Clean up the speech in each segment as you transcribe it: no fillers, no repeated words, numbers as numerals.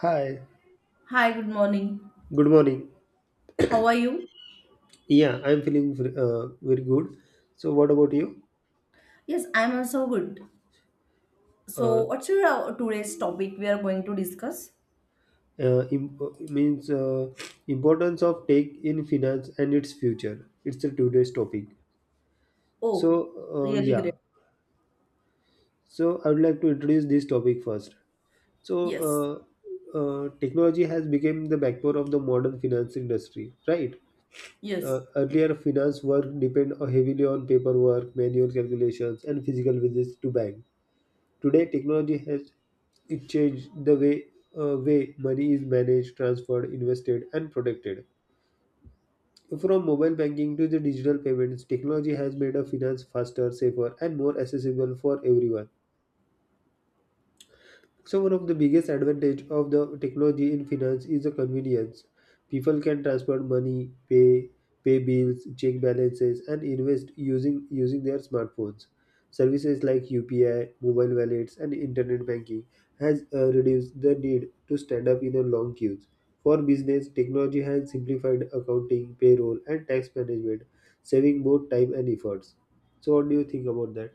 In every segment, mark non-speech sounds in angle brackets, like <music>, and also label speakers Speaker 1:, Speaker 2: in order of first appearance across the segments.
Speaker 1: Hi,
Speaker 2: Hi, good morning.
Speaker 1: good morning.
Speaker 2: How are you?
Speaker 1: Very good. So, what about you?
Speaker 2: Yes, I'm also good. So,
Speaker 1: Uh,
Speaker 2: what's your today's topic we are going to discuss?
Speaker 1: im- means Importance of tech in finance and its future. It's the today's topic.
Speaker 2: Oh,
Speaker 1: So,
Speaker 2: really
Speaker 1: yeah.
Speaker 2: great.
Speaker 1: So, I would like to introduce this topic first. So,
Speaker 2: Yes,
Speaker 1: uh, Technology has become the backbone of the modern finance industry, right?
Speaker 2: yes.
Speaker 1: Earlier, finance work depend heavily on paperwork, manual calculations, and physical visits to bank. Today, technology has it changed the way money is managed, transferred, invested, and protected. From mobile banking to the digital payments, technology has made a finance faster, safer, and more accessible for everyone. So one of the biggest advantage of the technology in finance is the convenience. People can transfer money, pay bills, check balances, and invest using their smartphones. Services like UPI, mobile wallets, and internet banking has reduced the need to stand up in a long queues. For business, technology has simplified accounting, payroll, and tax management, saving both time and efforts. So, what do you think about that?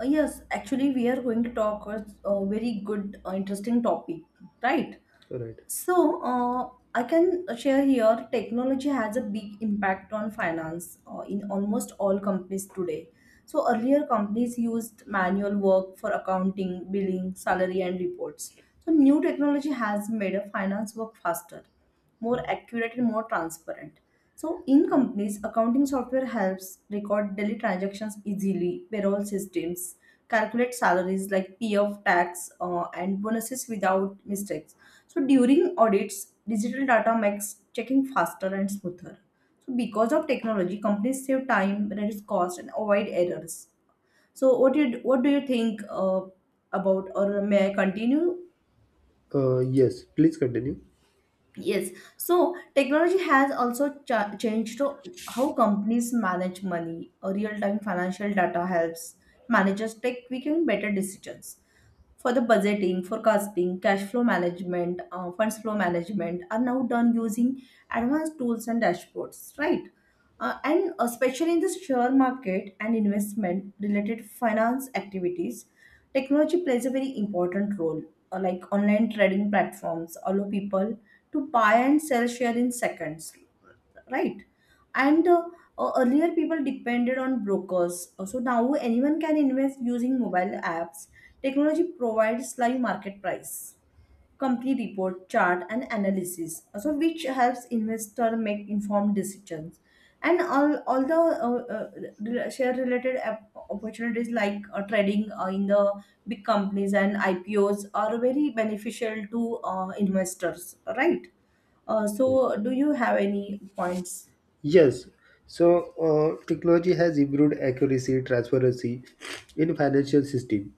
Speaker 2: Yes, actually, we are going to talk a very good, interesting topic, right?
Speaker 1: All right.
Speaker 2: So, I can share here technology has a big impact on finance in almost all companies today. So, earlier companies used manual work for accounting, billing, salary, and reports. So, new technology has made a finance work faster, more accurate and more transparent. So in companies, accounting software helps record daily transactions easily, payroll systems calculate salaries like PF tax and bonuses without mistakes. So during audits, digital data makes checking faster and smoother. So because of technology, companies save time, reduce cost, and avoid errors. So what do you think about, or may I continue?
Speaker 1: Yes, please continue.
Speaker 2: Yes, so technology has also changed to how companies manage money. A real-time financial data helps managers take quick and better decisions for the budgeting, forecasting, cash flow management, funds flow management are now done using advanced tools and dashboards, right? And especially in the share market and investment related finance activities, technology plays a very important role. Like online trading platforms allow people to buy and sell share in seconds, right? And Earlier people depended on brokers. So now anyone can invest using mobile apps. Technology provides live market price, complete report, chart, and analysis, also which helps investor make informed decisions. And all the share related opportunities like trading in the big companies and IPOs are very beneficial to investors, right? So, do you have any points?
Speaker 1: Yes, so Technology has improved accuracy, transparency in financial system,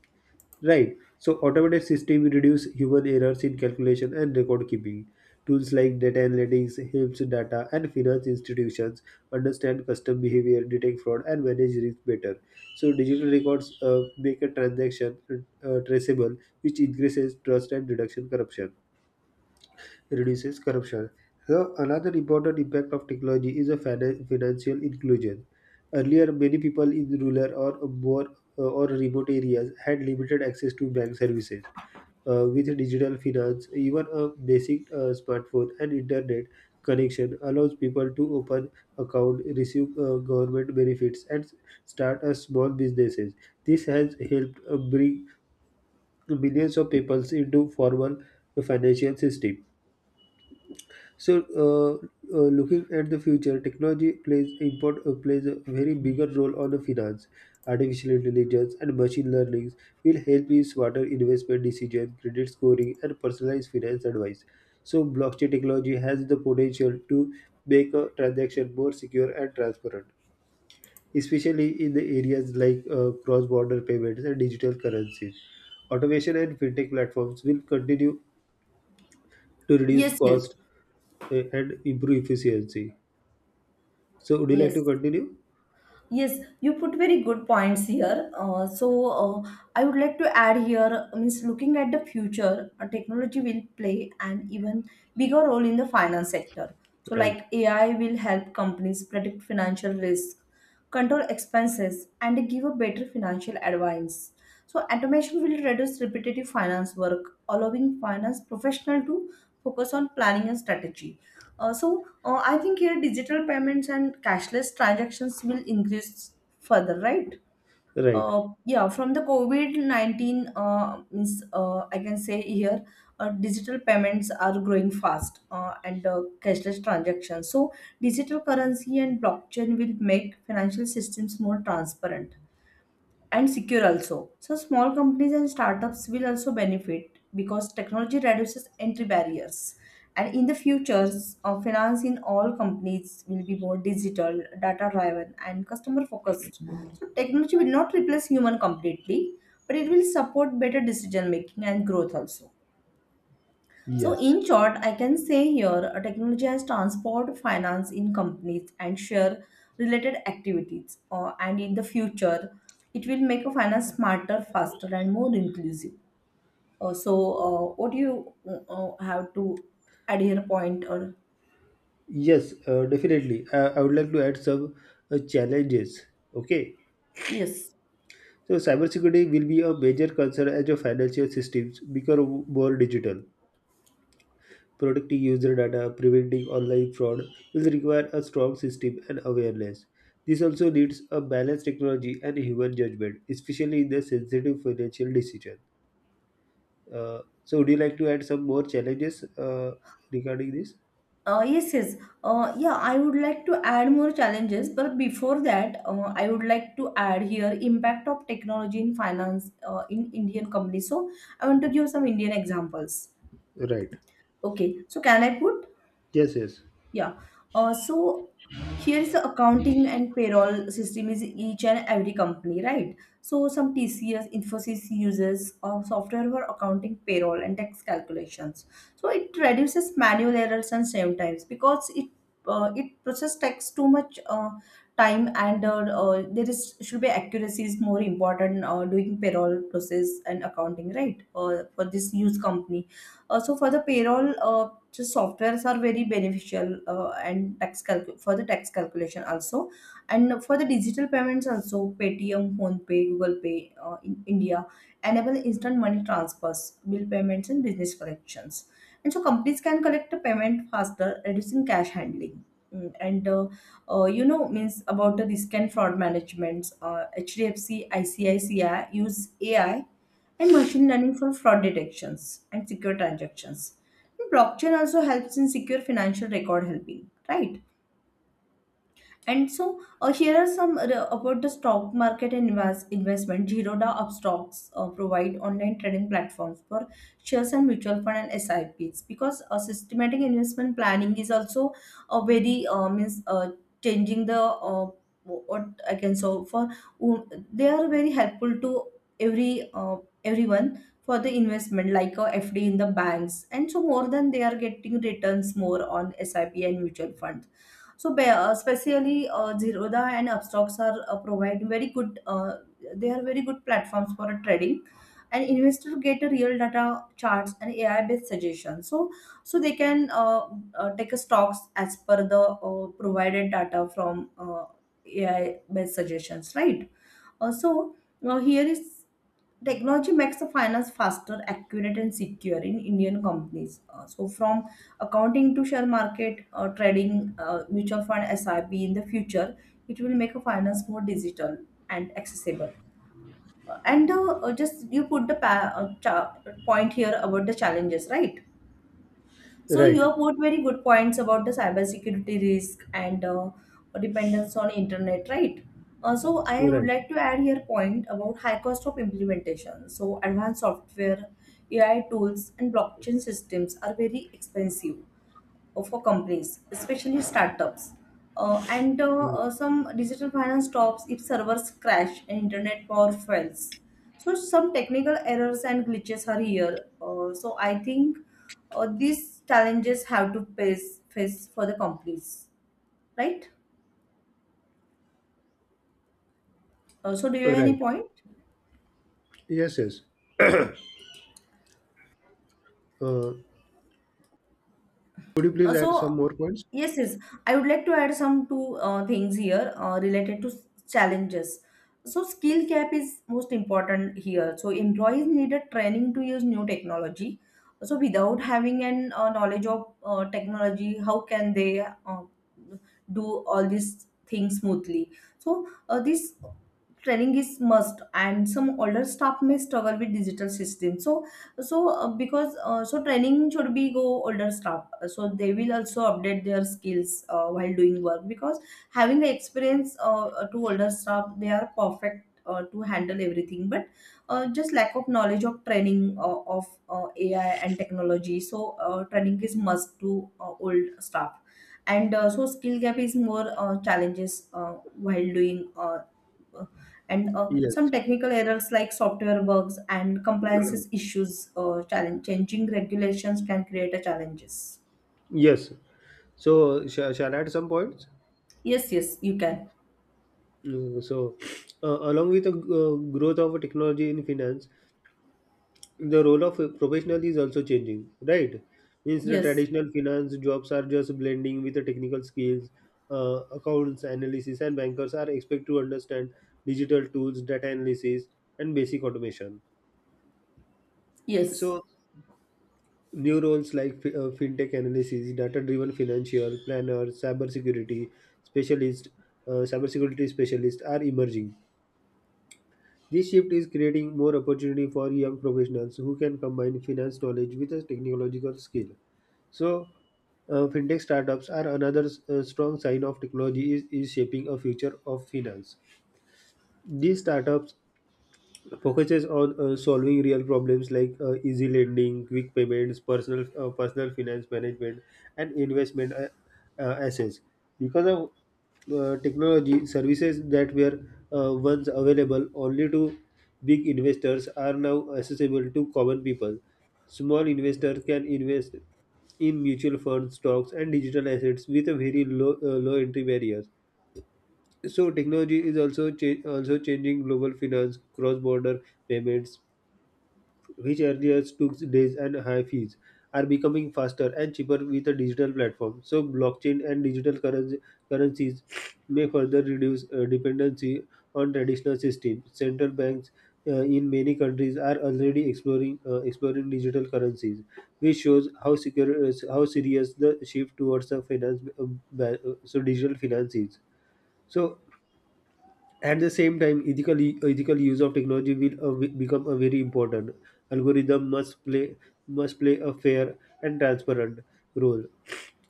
Speaker 1: right? So automated system reduce human errors in calculation and record keeping. Tools like data analytics helps data and finance institutions understand customer behavior, detect fraud, and manage risk better. So digital records make a transaction traceable, which increases trust and reduction corruption reduces corruption. So another important impact of technology is a financial inclusion. Earlier, many people in rural or more or remote areas had limited access to bank services. With digital finance, even a basic smartphone and internet connection allows people to open account, receive government benefits, and start a small businesses. This has helped bring millions of people into formal financial system. So, uh, looking at the future, technology plays a very bigger role on the finance. Artificial intelligence and machine learning will help in smarter investment decision, credit scoring, and personalized finance advice. So, blockchain technology has the potential to make a transaction more secure and transparent, especially in the areas like cross-border payments and digital currencies. Automation and fintech platforms will continue to reduce
Speaker 2: Yes, yes,
Speaker 1: cost and improve efficiency. So would you like to
Speaker 2: yes.
Speaker 1: continue?
Speaker 2: Yes, you put very good points here. Uh, I would like to add here, means looking at the future, technology will play an even bigger role in the finance sector. So
Speaker 1: Right.
Speaker 2: like AI will help companies predict financial risk, control expenses, and give a better financial advice. So automation will reduce repetitive finance work, allowing finance professional to focus on planning and strategy. Uh, I think here digital payments and cashless transactions will increase further, right?
Speaker 1: Right.
Speaker 2: Yeah, from the COVID-19, I can say here digital payments are growing fast and cashless transactions. So digital currency and blockchain will make financial systems more transparent and secure also. So small companies and startups will also benefit because technology reduces entry barriers. And in the future, finance in all companies will be more digital, data driven, and customer focused. So technology will not replace human completely, but it will support better decision making and growth also. So,
Speaker 1: Yes.
Speaker 2: in short, I can say here technology has transformed finance in companies and share related activities. And in the future, it will make a finance smarter, faster, and more inclusive. So, what do you have to add here? Point or
Speaker 1: Yes, Definitely. I would like to add some challenges. Okay.
Speaker 2: yes.
Speaker 1: So cybersecurity will be a major concern as your financial systems become more digital. Protecting user data, preventing online fraud will require a strong system and awareness. This also needs a balanced technology and human judgment, especially in the sensitive financial decision. So would you like to add some more challenges regarding this?
Speaker 2: Yes, yeah, I would like to add more challenges, but before that, I would like to add here impact of technology in finance in Indian companies. So I want to give some Indian examples.
Speaker 1: Right.
Speaker 2: Okay, so can I put?
Speaker 1: Yes, yes.
Speaker 2: Yeah. So here is the accounting and payroll system is each and every company, right? So some TCS, Infosys uses software for accounting, payroll, and tax calculations. So it reduces manual errors and save times because it process takes too much time and there is should be accuracy is more important doing payroll process and accounting, right? For this use company. So for the payroll. Just softwares are very beneficial and tax for the tax calculation also, and for the digital payments also paytm phonepe google pay in india enable instant money transfers, bill payments and business collections, and so companies can collect the payment faster, reducing cash handling. Mm, and you know means about the risk and fraud management, hdfc icici use ai and machine learning for fraud detections and secure transactions. And blockchain also helps in secure financial record helping, right? And here are some about the stock market and investment. Zerodha Upstocks provide online trading platforms for shares and mutual fund and SIPs because systematic investment planning is also a very means changing the what I can so for they are very helpful to every uh, everyone for the investment like a FD in the banks, and so more than they are getting returns more on SIP and mutual fund. Especially Zerodha and Upstocks are provide very good. They are very good platforms for trading, and investor get a real data charts and AI based suggestions. So they can take a stocks as per the provided data from AI based suggestions, right? Also, now here is technology makes the finance faster, accurate, and secure in Indian companies. So, from accounting to share market, trading, mutual fund, SIP in the future, it will make a finance more digital and accessible. And Just you put the point here about the challenges, right? So you
Speaker 1: Right.
Speaker 2: have put very good points about the cybersecurity risk and dependence on internet, right? So I
Speaker 1: You're
Speaker 2: would
Speaker 1: right.
Speaker 2: like to add here point about high cost of implementation. So advanced software, AI tools, and blockchain systems are very expensive for companies, especially startups. And
Speaker 1: You
Speaker 2: Some digital finance stops if servers crash and internet power fails. So some technical errors and glitches are here. So I think these challenges have to face for the companies, right? So do you have any
Speaker 1: right.
Speaker 2: point?
Speaker 1: Yes, yes. Uh, could you please
Speaker 2: Uh,
Speaker 1: add some
Speaker 2: so
Speaker 1: more points?
Speaker 2: yes, I would like to add some two things here related to challenges. So skill gap is most important here. So employees needed training to use new technology. So without having an knowledge of technology, how can they do all these things smoothly? So this training is must, and some older staff may struggle with digital systems. So training should be go older staff, so they will also update their skills while doing work, because having the experience to older staff they are perfect to handle everything, but just lack of knowledge of training of ai and technology. So training is must to old staff. And uh, so skill gap is more challenges while doing uh, and
Speaker 1: Yes.
Speaker 2: some technical errors like software bugs and compliances issues, challenge changing regulations can create a challenges.
Speaker 1: Yes. So, shall I add some points?
Speaker 2: Yes, yes, you can.
Speaker 1: Mm, So, along with the growth of technology in finance, the role of a professional is also changing, right? Means the
Speaker 2: Yes,
Speaker 1: traditional finance jobs are just blending with the technical skills. Accounts analysis and bankers are expected to understand digital tools, data analysis, and basic automation.
Speaker 2: yes.
Speaker 1: So new roles like fintech analysis, data-driven financial planner, specialist, cybersecurity specialist are emerging. This shift is creating more opportunity for young professionals who can combine finance knowledge with a technological skill. So, Fintech startups are another strong sign of technology is shaping a future of finance. These startups focuses on solving real problems like easy lending, quick payments, personal finance management, and investment assets. Because of technology, services that were once available only to big investors are now accessible to common people. Small investors can invest in mutual funds, stocks, and digital assets with a very low entry barriers. So technology is also changing global finance, cross-border payments, which earlier took days and high fees, are becoming faster and cheaper with a digital platform. So blockchain and currencies may further reduce dependency on traditional systems. Central banks in many countries are already exploring digital currencies, which shows how serious the shift towards the finance ba- so digital finance is. So at the same time, ethical use of technology become a very important. Algorithm must play a fair and transparent role.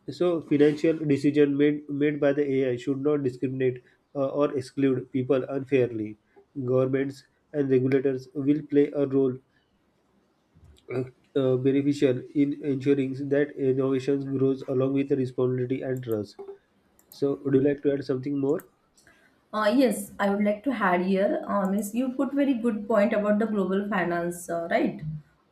Speaker 1: So, financial decision made by the AI should not discriminate or exclude people unfairly. Governments and regulators will play a role uh, beneficial in ensuring that innovations grows along with responsibility and trust. So, would you like to add something more?
Speaker 2: Yes, I would like to add here, means you put very good point about the global finance, right?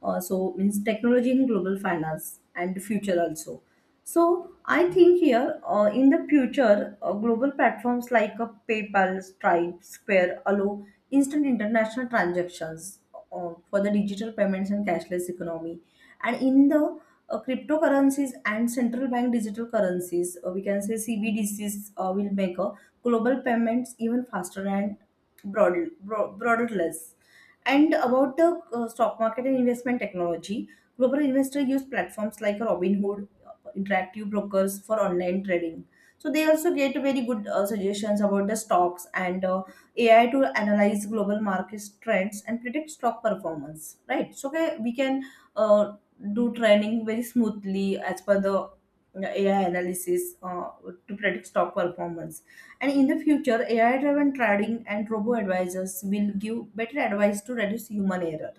Speaker 2: So means technology in global finance and future also. So I think here in the future, global platforms like PayPal, Stripe, Square allow instant international transactions for the digital payments and cashless economy. And in the cryptocurrencies and central bank digital currencies, we can say CBDCs will make global payments even faster and borderless. And about the stock market and investment technology, global investors use platforms like Robinhood, Interactive Brokers for online trading. So they also get very good suggestions about the stocks and AI to analyze global market trends and predict stock performance, right? So okay, we can uh, do trading very smoothly as per the AI analysis to predict stock performance. And in the future, AI driven trading and robo advisors will give better advice to reduce human error.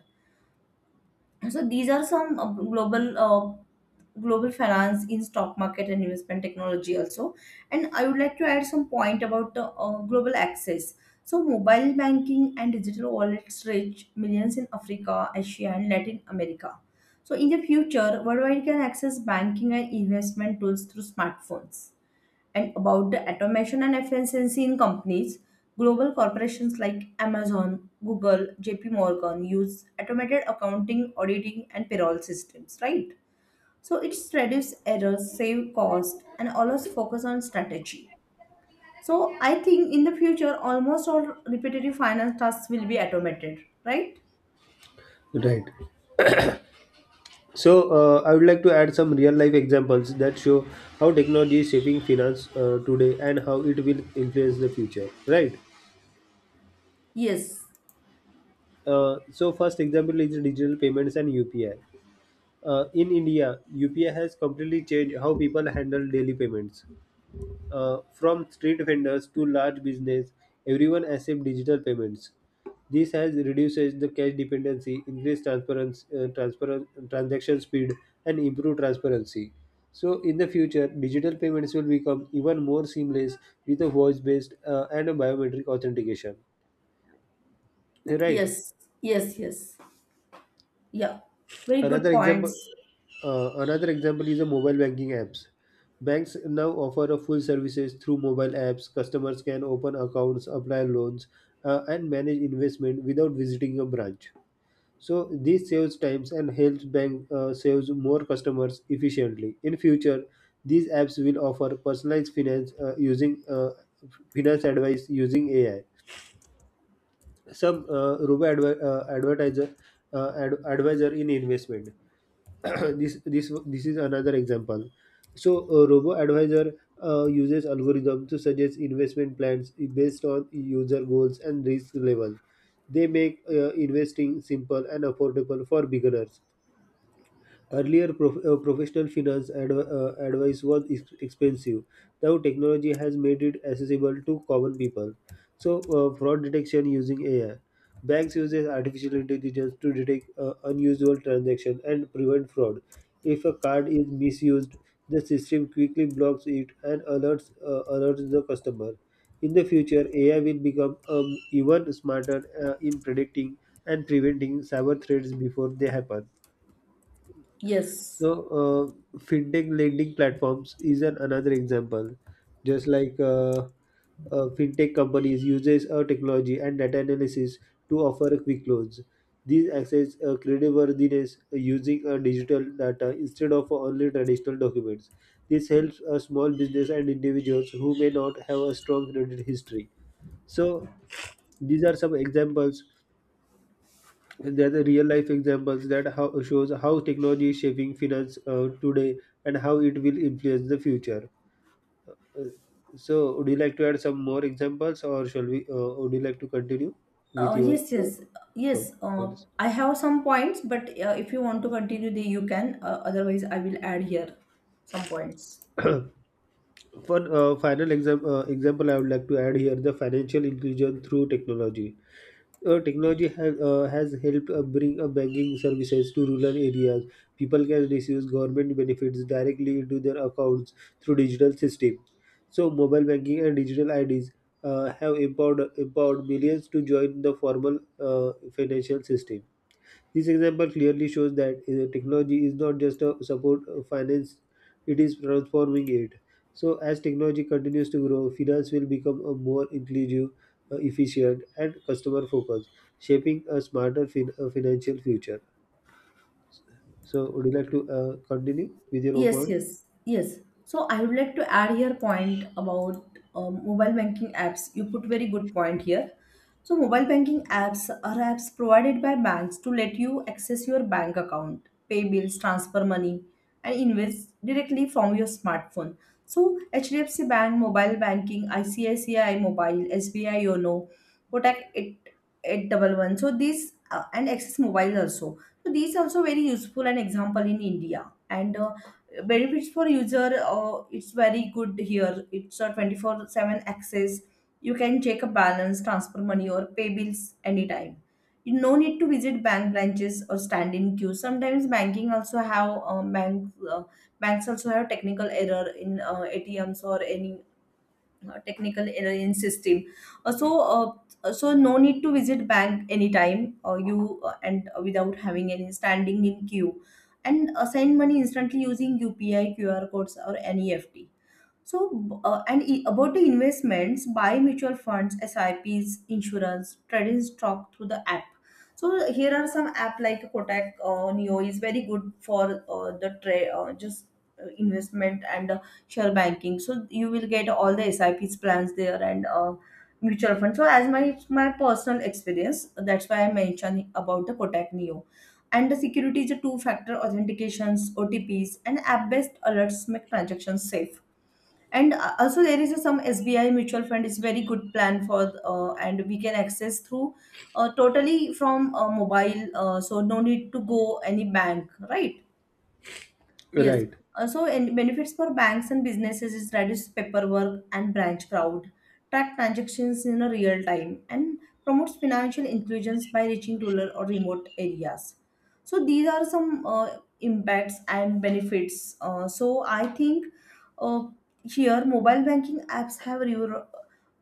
Speaker 2: So these are some global finance in stock market and investment technology also. And I would like to add some point about the global access. So mobile banking and digital wallets reach millions in africa, asia and latin america. So in the future, worldwide can access banking and investment tools through smartphones. And about the automation and efficiency in companies, global corporations like Amazon, Google, JP Morgan use automated accounting, auditing, and payroll systems, right? So it reduces errors, save cost, and always focus on strategy. So I think in the future, almost all repetitive finance tasks will be automated, right?
Speaker 1: Right. I would like to add some real life examples that show how technology is shaping finance today and how it will influence the future. Right.
Speaker 2: Yes,
Speaker 1: First example is digital payments and UPI. In India, UPI has completely changed how people handle daily payments. From street vendors to large business, everyone accepts digital payments. This has reduces the cash dependency, increased transparent transaction speed, and improved transparency. So, in the future, digital payments will become even more seamless with a voice-based and a biometric authentication. Right?
Speaker 2: yes, yes. Yeah, very good
Speaker 1: Another example,
Speaker 2: points.
Speaker 1: another example is the mobile banking apps. Banks now offer a full services through mobile apps. Customers can open accounts, apply loans, and manage investment without visiting a branch. So this saves times and helps bank saves more customers efficiently. In future, these apps will offer personalized finance advice using AI. Some robo adver- advertiser ad- advisor in investment. <coughs> <clears throat> This is another example. So a robo advisor uses algorithm to suggest investment plans based on user goals and risk level. They make investing simple and affordable for beginners. Earlier, professional finance expensive. Now, technology has made it accessible to common people. So, fraud detection using AI. Banks uses artificial intelligence to detect unusual transactions and prevent fraud. If a card is misused, the system quickly blocks it and alerts the customer. In the future, AI will become even smarter in predicting and preventing cyber threats before they happen.
Speaker 2: Yes.
Speaker 1: So, fintech lending platforms is an another example. Just like Fintech companies uses our technology and data analysis to offer quick loans. These access creditworthiness using digital data instead of only traditional documents. This helps a small business and individuals who may not have a strong credit history. So, these are some examples and there are the real life examples shows how technology is shaping finance today and how it will influence the future. Uh, so, would you like to add some more examples, or shall we? Would you like to continue
Speaker 2: Uh,
Speaker 1: with your
Speaker 2: yes, yes,
Speaker 1: to-
Speaker 2: yes.
Speaker 1: points?
Speaker 2: I have some points, but if you want to continue, the you can. Otherwise, I will add here some points.
Speaker 1: <clears throat> For example, I would like to add here the financial inclusion through technology. Uh, has helped bring banking services to rural areas. People can receive government benefits directly into their accounts through digital systems. So, mobile banking and digital IDs have empowered millions to join the formal financial system. This example clearly shows that technology is not just a support finance, it is transforming it. So, as technology continues to grow, finance will become a more inclusive, efficient, and customer focused, shaping a smarter financial future. So, would you like to continue with your
Speaker 2: Yes,
Speaker 1: point?
Speaker 2: yes, yes. So I would like to add here point about mobile banking apps. You put very good point here. So mobile banking apps are apps provided by banks to let you access your bank account, pay bills, transfer money, and invest directly from your smartphone. So HDFC Bank, mobile banking, ICICI Mobile, SBI YONO, Kotak 8 811. So these and Access Mobile also. So these also very useful and example in India. And. Benefits for user, it's very good here, it's a 24/7 access. You can check a balance, transfer money, or pay bills anytime. You no need to visit bank branches or stand in queue. Sometimes banking also have banks also have technical error in ATMs or any technical error in system, uh, so so no need to visit bank anytime, you and without having any standing in queue, and send money instantly using UPI, QR codes, or NEFT. so, about the investments, buy mutual funds, SIPs, insurance, trading stock through the app. So here are some app like Kotak Neo is very good for the trade, just investment and share banking. So you will get all the SIPs plans there, and mutual fund. So as my personal experience, that's why I mentioned about the Kotak Neo. And the security is a two-factor authentications, OTPs, and app-based alerts make transactions safe. And also there is a some SBI mutual fund is very good plan for and we can access through totally from mobile, so no need to go any bank, right? Yes,
Speaker 1: Right,
Speaker 2: also. And benefits for banks and businesses is reduce paperwork and branch crowd, track transactions in a real time, and promotes financial inclusions by reaching rural or remote areas. So these are some impacts and benefits. Uh, so i think uh, here, mobile banking apps have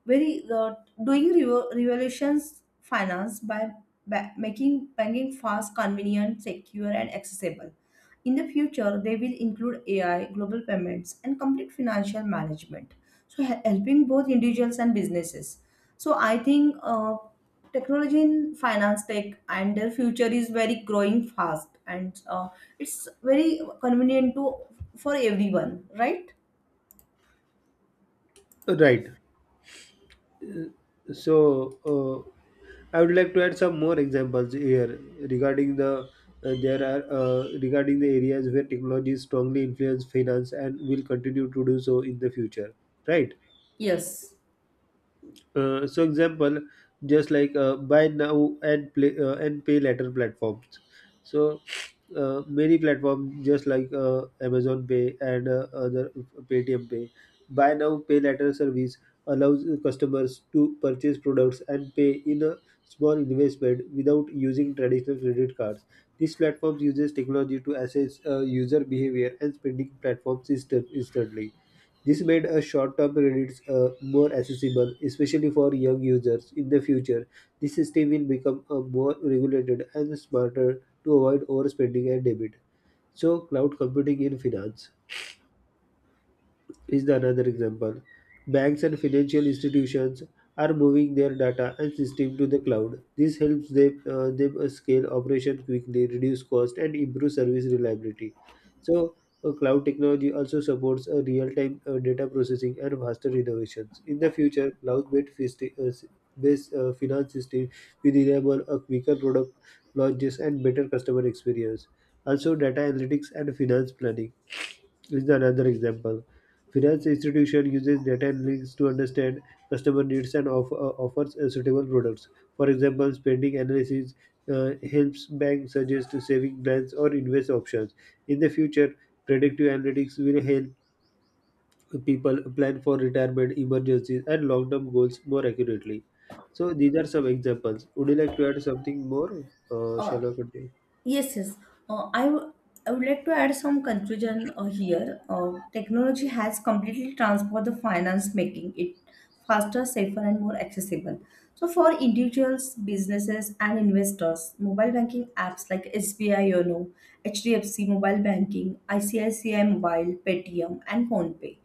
Speaker 2: very uh, revolutions finance by making banking fast, convenient, secure, and accessible. In the future, they will include AI, global payments, and complete financial management. So, helping both individuals and businesses. So, I think technology in finance tech and their future is very growing fast, and it's very convenient to for everyone, right?
Speaker 1: right. So, uh, I would like to add some more examples here regarding the there are regarding the areas where technology strongly influence finance and will continue to do so in the future, right?
Speaker 2: Yes.
Speaker 1: So example, just like Buy now and play and pay later platforms. So many platforms just like Amazon Pay and other Paytm Pay, buy now pay later service allows customers to purchase products and pay in a small investment without using traditional credit cards. This platform uses technology to assess user behavior and spending platforms instantly. This made a short-term credits more accessible, especially for young users. In the future, this system will become more regulated and smarter to avoid overspending and debit. So, cloud computing in finance is the another example. Banks and financial institutions are moving their data and system to the cloud. This helps them, them scale operation quickly, reduce cost, and improve service reliability. So, cloud technology also supports real-time data processing and faster innovations. In the future, based, finance system will enable a quicker product launches and better customer experience. Also, data analytics and finance planning is another example. Finance institution uses data and links to understand customer needs and offers suitable products. For example, spending analysis helps banks suggest saving plans or invest options. In the future, predictive analytics will help people plan for retirement, emergencies, and long-term goals more accurately. So these are some examples. Would you like to add something more? Uh,
Speaker 2: Uh,
Speaker 1: shall I continue?
Speaker 2: yes, yes. Uh, I, w- I would like to add some conclusion here. Technology has completely transformed the finance, making it faster, safer, and more accessible. So, for individuals, businesses, and investors, mobile banking apps like SBI YONO, HDFC Mobile Banking, ICICI Mobile, Paytm, and PhonePay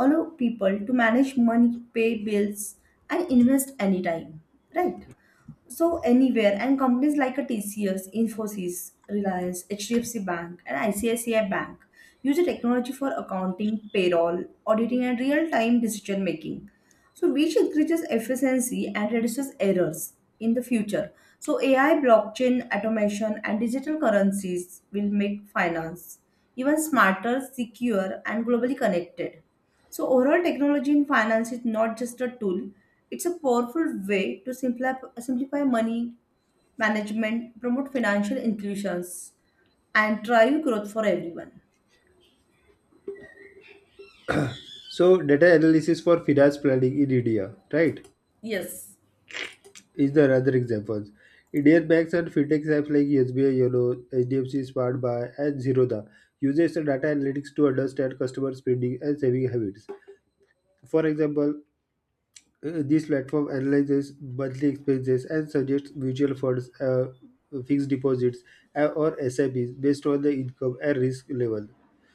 Speaker 2: allow people to manage money, pay bills, and invest anytime, right? So anywhere. And companies like a TCS, Infosys, Reliance, HDFC Bank and ICICI Bank use the technology for accounting, payroll, auditing and real-time decision making, so which increases efficiency and reduces errors in the future. So AI, blockchain, automation and digital currencies will make finance even smarter, secure and globally connected. So, overall, technology in finance is not just a tool, it's a powerful way to simplify money management, promote financial inclusions, and drive growth for everyone.
Speaker 1: So data analysis for finance planning in India, right?
Speaker 2: Yes,
Speaker 1: Is there other examples? Indian banks and fintech apps like SBI YONO, HDFC Smart Buy, and Zerodha uses the data analytics to understand customer spending and saving habits. For example, this platform analyzes monthly expenses and suggests mutual funds, fixed deposits, or SIPs based on the income and risk level.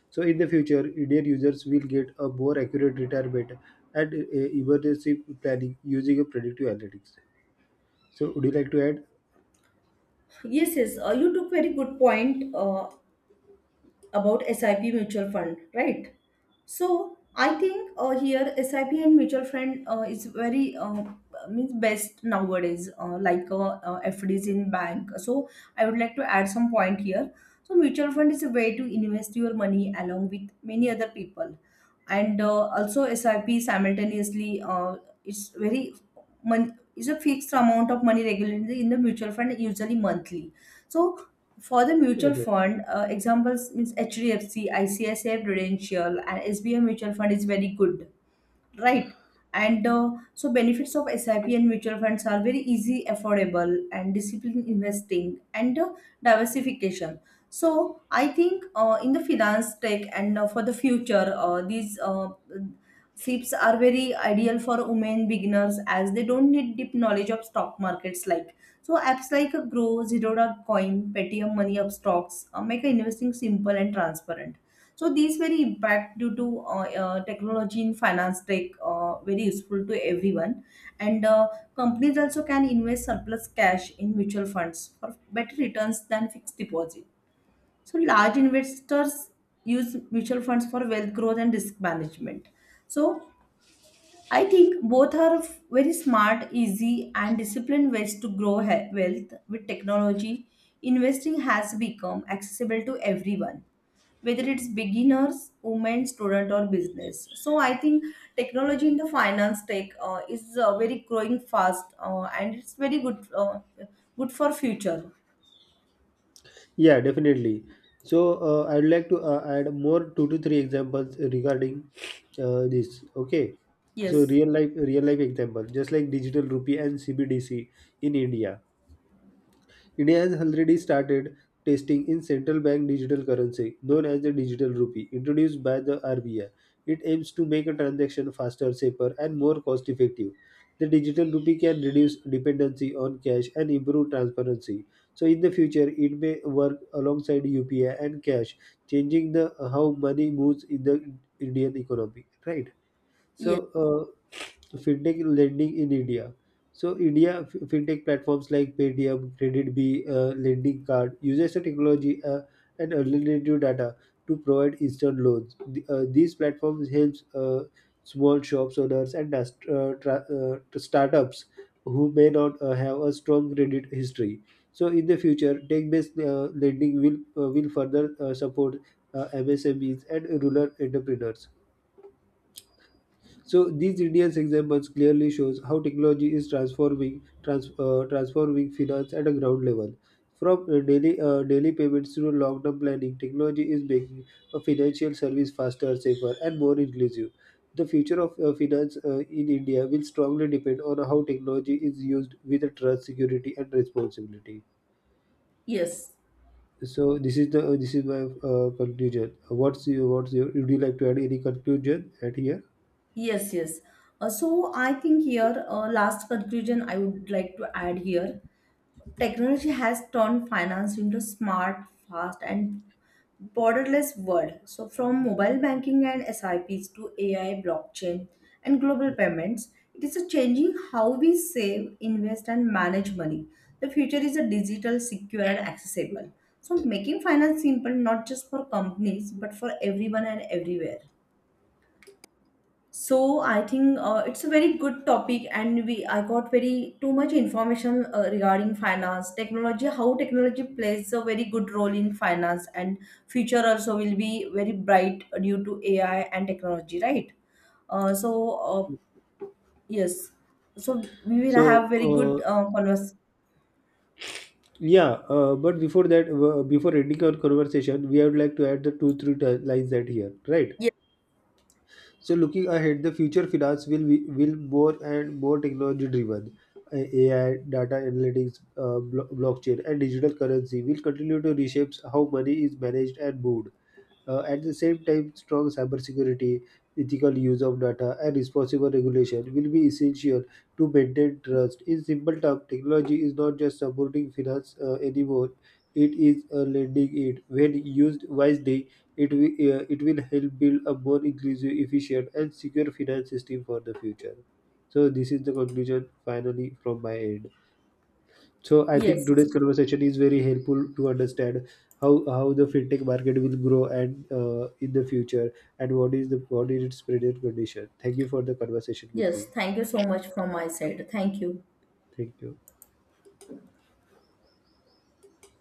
Speaker 1: So in the future, Indian users will get a more accurate retirement and emergency planning using a predictive analytics. So would you like to add?
Speaker 2: yes, yes. You took very good point. About SIP mutual fund, right? So I think here SIP and mutual fund is very means best nowadays, FDs in bank. So I would like to add some point here. So mutual fund is a way to invest your money along with many other people, and also SIP simultaneously. It's very is a fixed amount of money regularly in the mutual fund, usually monthly. So for the mutual
Speaker 1: uh,
Speaker 2: fund, examples means HDFC, ICICI Prudential, and SBI Mutual Fund is very good, right? And so benefits of SIP and mutual funds are very easy, affordable, and disciplined investing and diversification. So I think in the finance tech and for the future, these SIPs are very ideal for women beginners as they don't need deep knowledge of stock markets. Like, so apps like Grow, Zerodha Coin, Paytm Money Up Stocks make investing simple and transparent. So these very impact due to technology in finance tech, very useful to everyone. And companies also can invest surplus cash in mutual funds for better returns than fixed deposit. So large investors use mutual funds for wealth growth and risk management. So I think both are very smart, easy, and disciplined ways to grow wealth with technology. Investing has become accessible to everyone, whether it's beginners, women, student, or business. So I think technology in the finance tech is very growing fast, and it's very good, good for future.
Speaker 1: Yeah, definitely. So I'd like to add more two to three examples regarding this. Okay, so
Speaker 2: Yes.
Speaker 1: real life example, just like digital rupee and CBDC in India. India has already started testing in central bank digital currency known as the digital rupee introduced by the RBI. It aims to make a transaction faster, safer, and more cost effective. The digital rupee can reduce dependency on cash and improve transparency. So in the future, it may work alongside UPI and cash, changing the how money moves in the Indian economy, right?
Speaker 2: Yes,
Speaker 1: So, fintech lending in India. So, India fintech platforms like Paytm, Credit B, Lending Card uses the technology and alternative data to provide instant loans. These platforms helps small shops owners and startups who may not have a strong credit history. So, in the future, tech-based lending will further support MSMEs and rural entrepreneurs. So these Indians examples clearly shows how technology is transforming finance at a ground level. From daily payments to long term planning, technology is making a financial service faster, safer, and more inclusive. The future of finance in India will strongly depend on how technology is used with trust, security, and responsibility.
Speaker 2: yes,
Speaker 1: So this is the this is my conclusion. What's your Would you like to add any conclusion at here?
Speaker 2: yes, yes. So I think here, last conclusion I would like to add here. Technology has turned finance into smart, fast, and borderless world. So from mobile banking and SIPs to AI, blockchain, and global payments, it is a changing how we save, invest, and manage money. The future is a digital, secure, and accessible. So making finance simple, not just for companies but for everyone and everywhere. So I think it's a very good topic, and we I got very too much information regarding finance, technology, how technology plays a very good role in finance, and future also will be very bright due to AI and technology, right? Uh, so uh, yes, so we will have very good
Speaker 1: So
Speaker 2: convers.
Speaker 1: yeah, but before that, before ending our conversation, we would like to add the two or three lines that here, right?
Speaker 2: Yes,
Speaker 1: So looking ahead, the future finance will be will more and more technology driven. AI, data analytics, blockchain, and digital currency will continue to reshape how money is managed and moved. At the same time, strong cybersecurity, ethical use of data, and responsible regulation will be essential to maintain trust. In simple terms, technology is not just supporting finance anymore; it is lending it. When used wisely, it will help build a more inclusive, efficient, and secure finance system for the future. So this is the conclusion finally from my end. So I think
Speaker 2: yes,
Speaker 1: today's conversation is very helpful to understand how the fintech market will grow and in the future and what is its present condition. Thank you for the conversation with me.
Speaker 2: yes. Thank you so much from my side. Thank you.
Speaker 1: Thank you.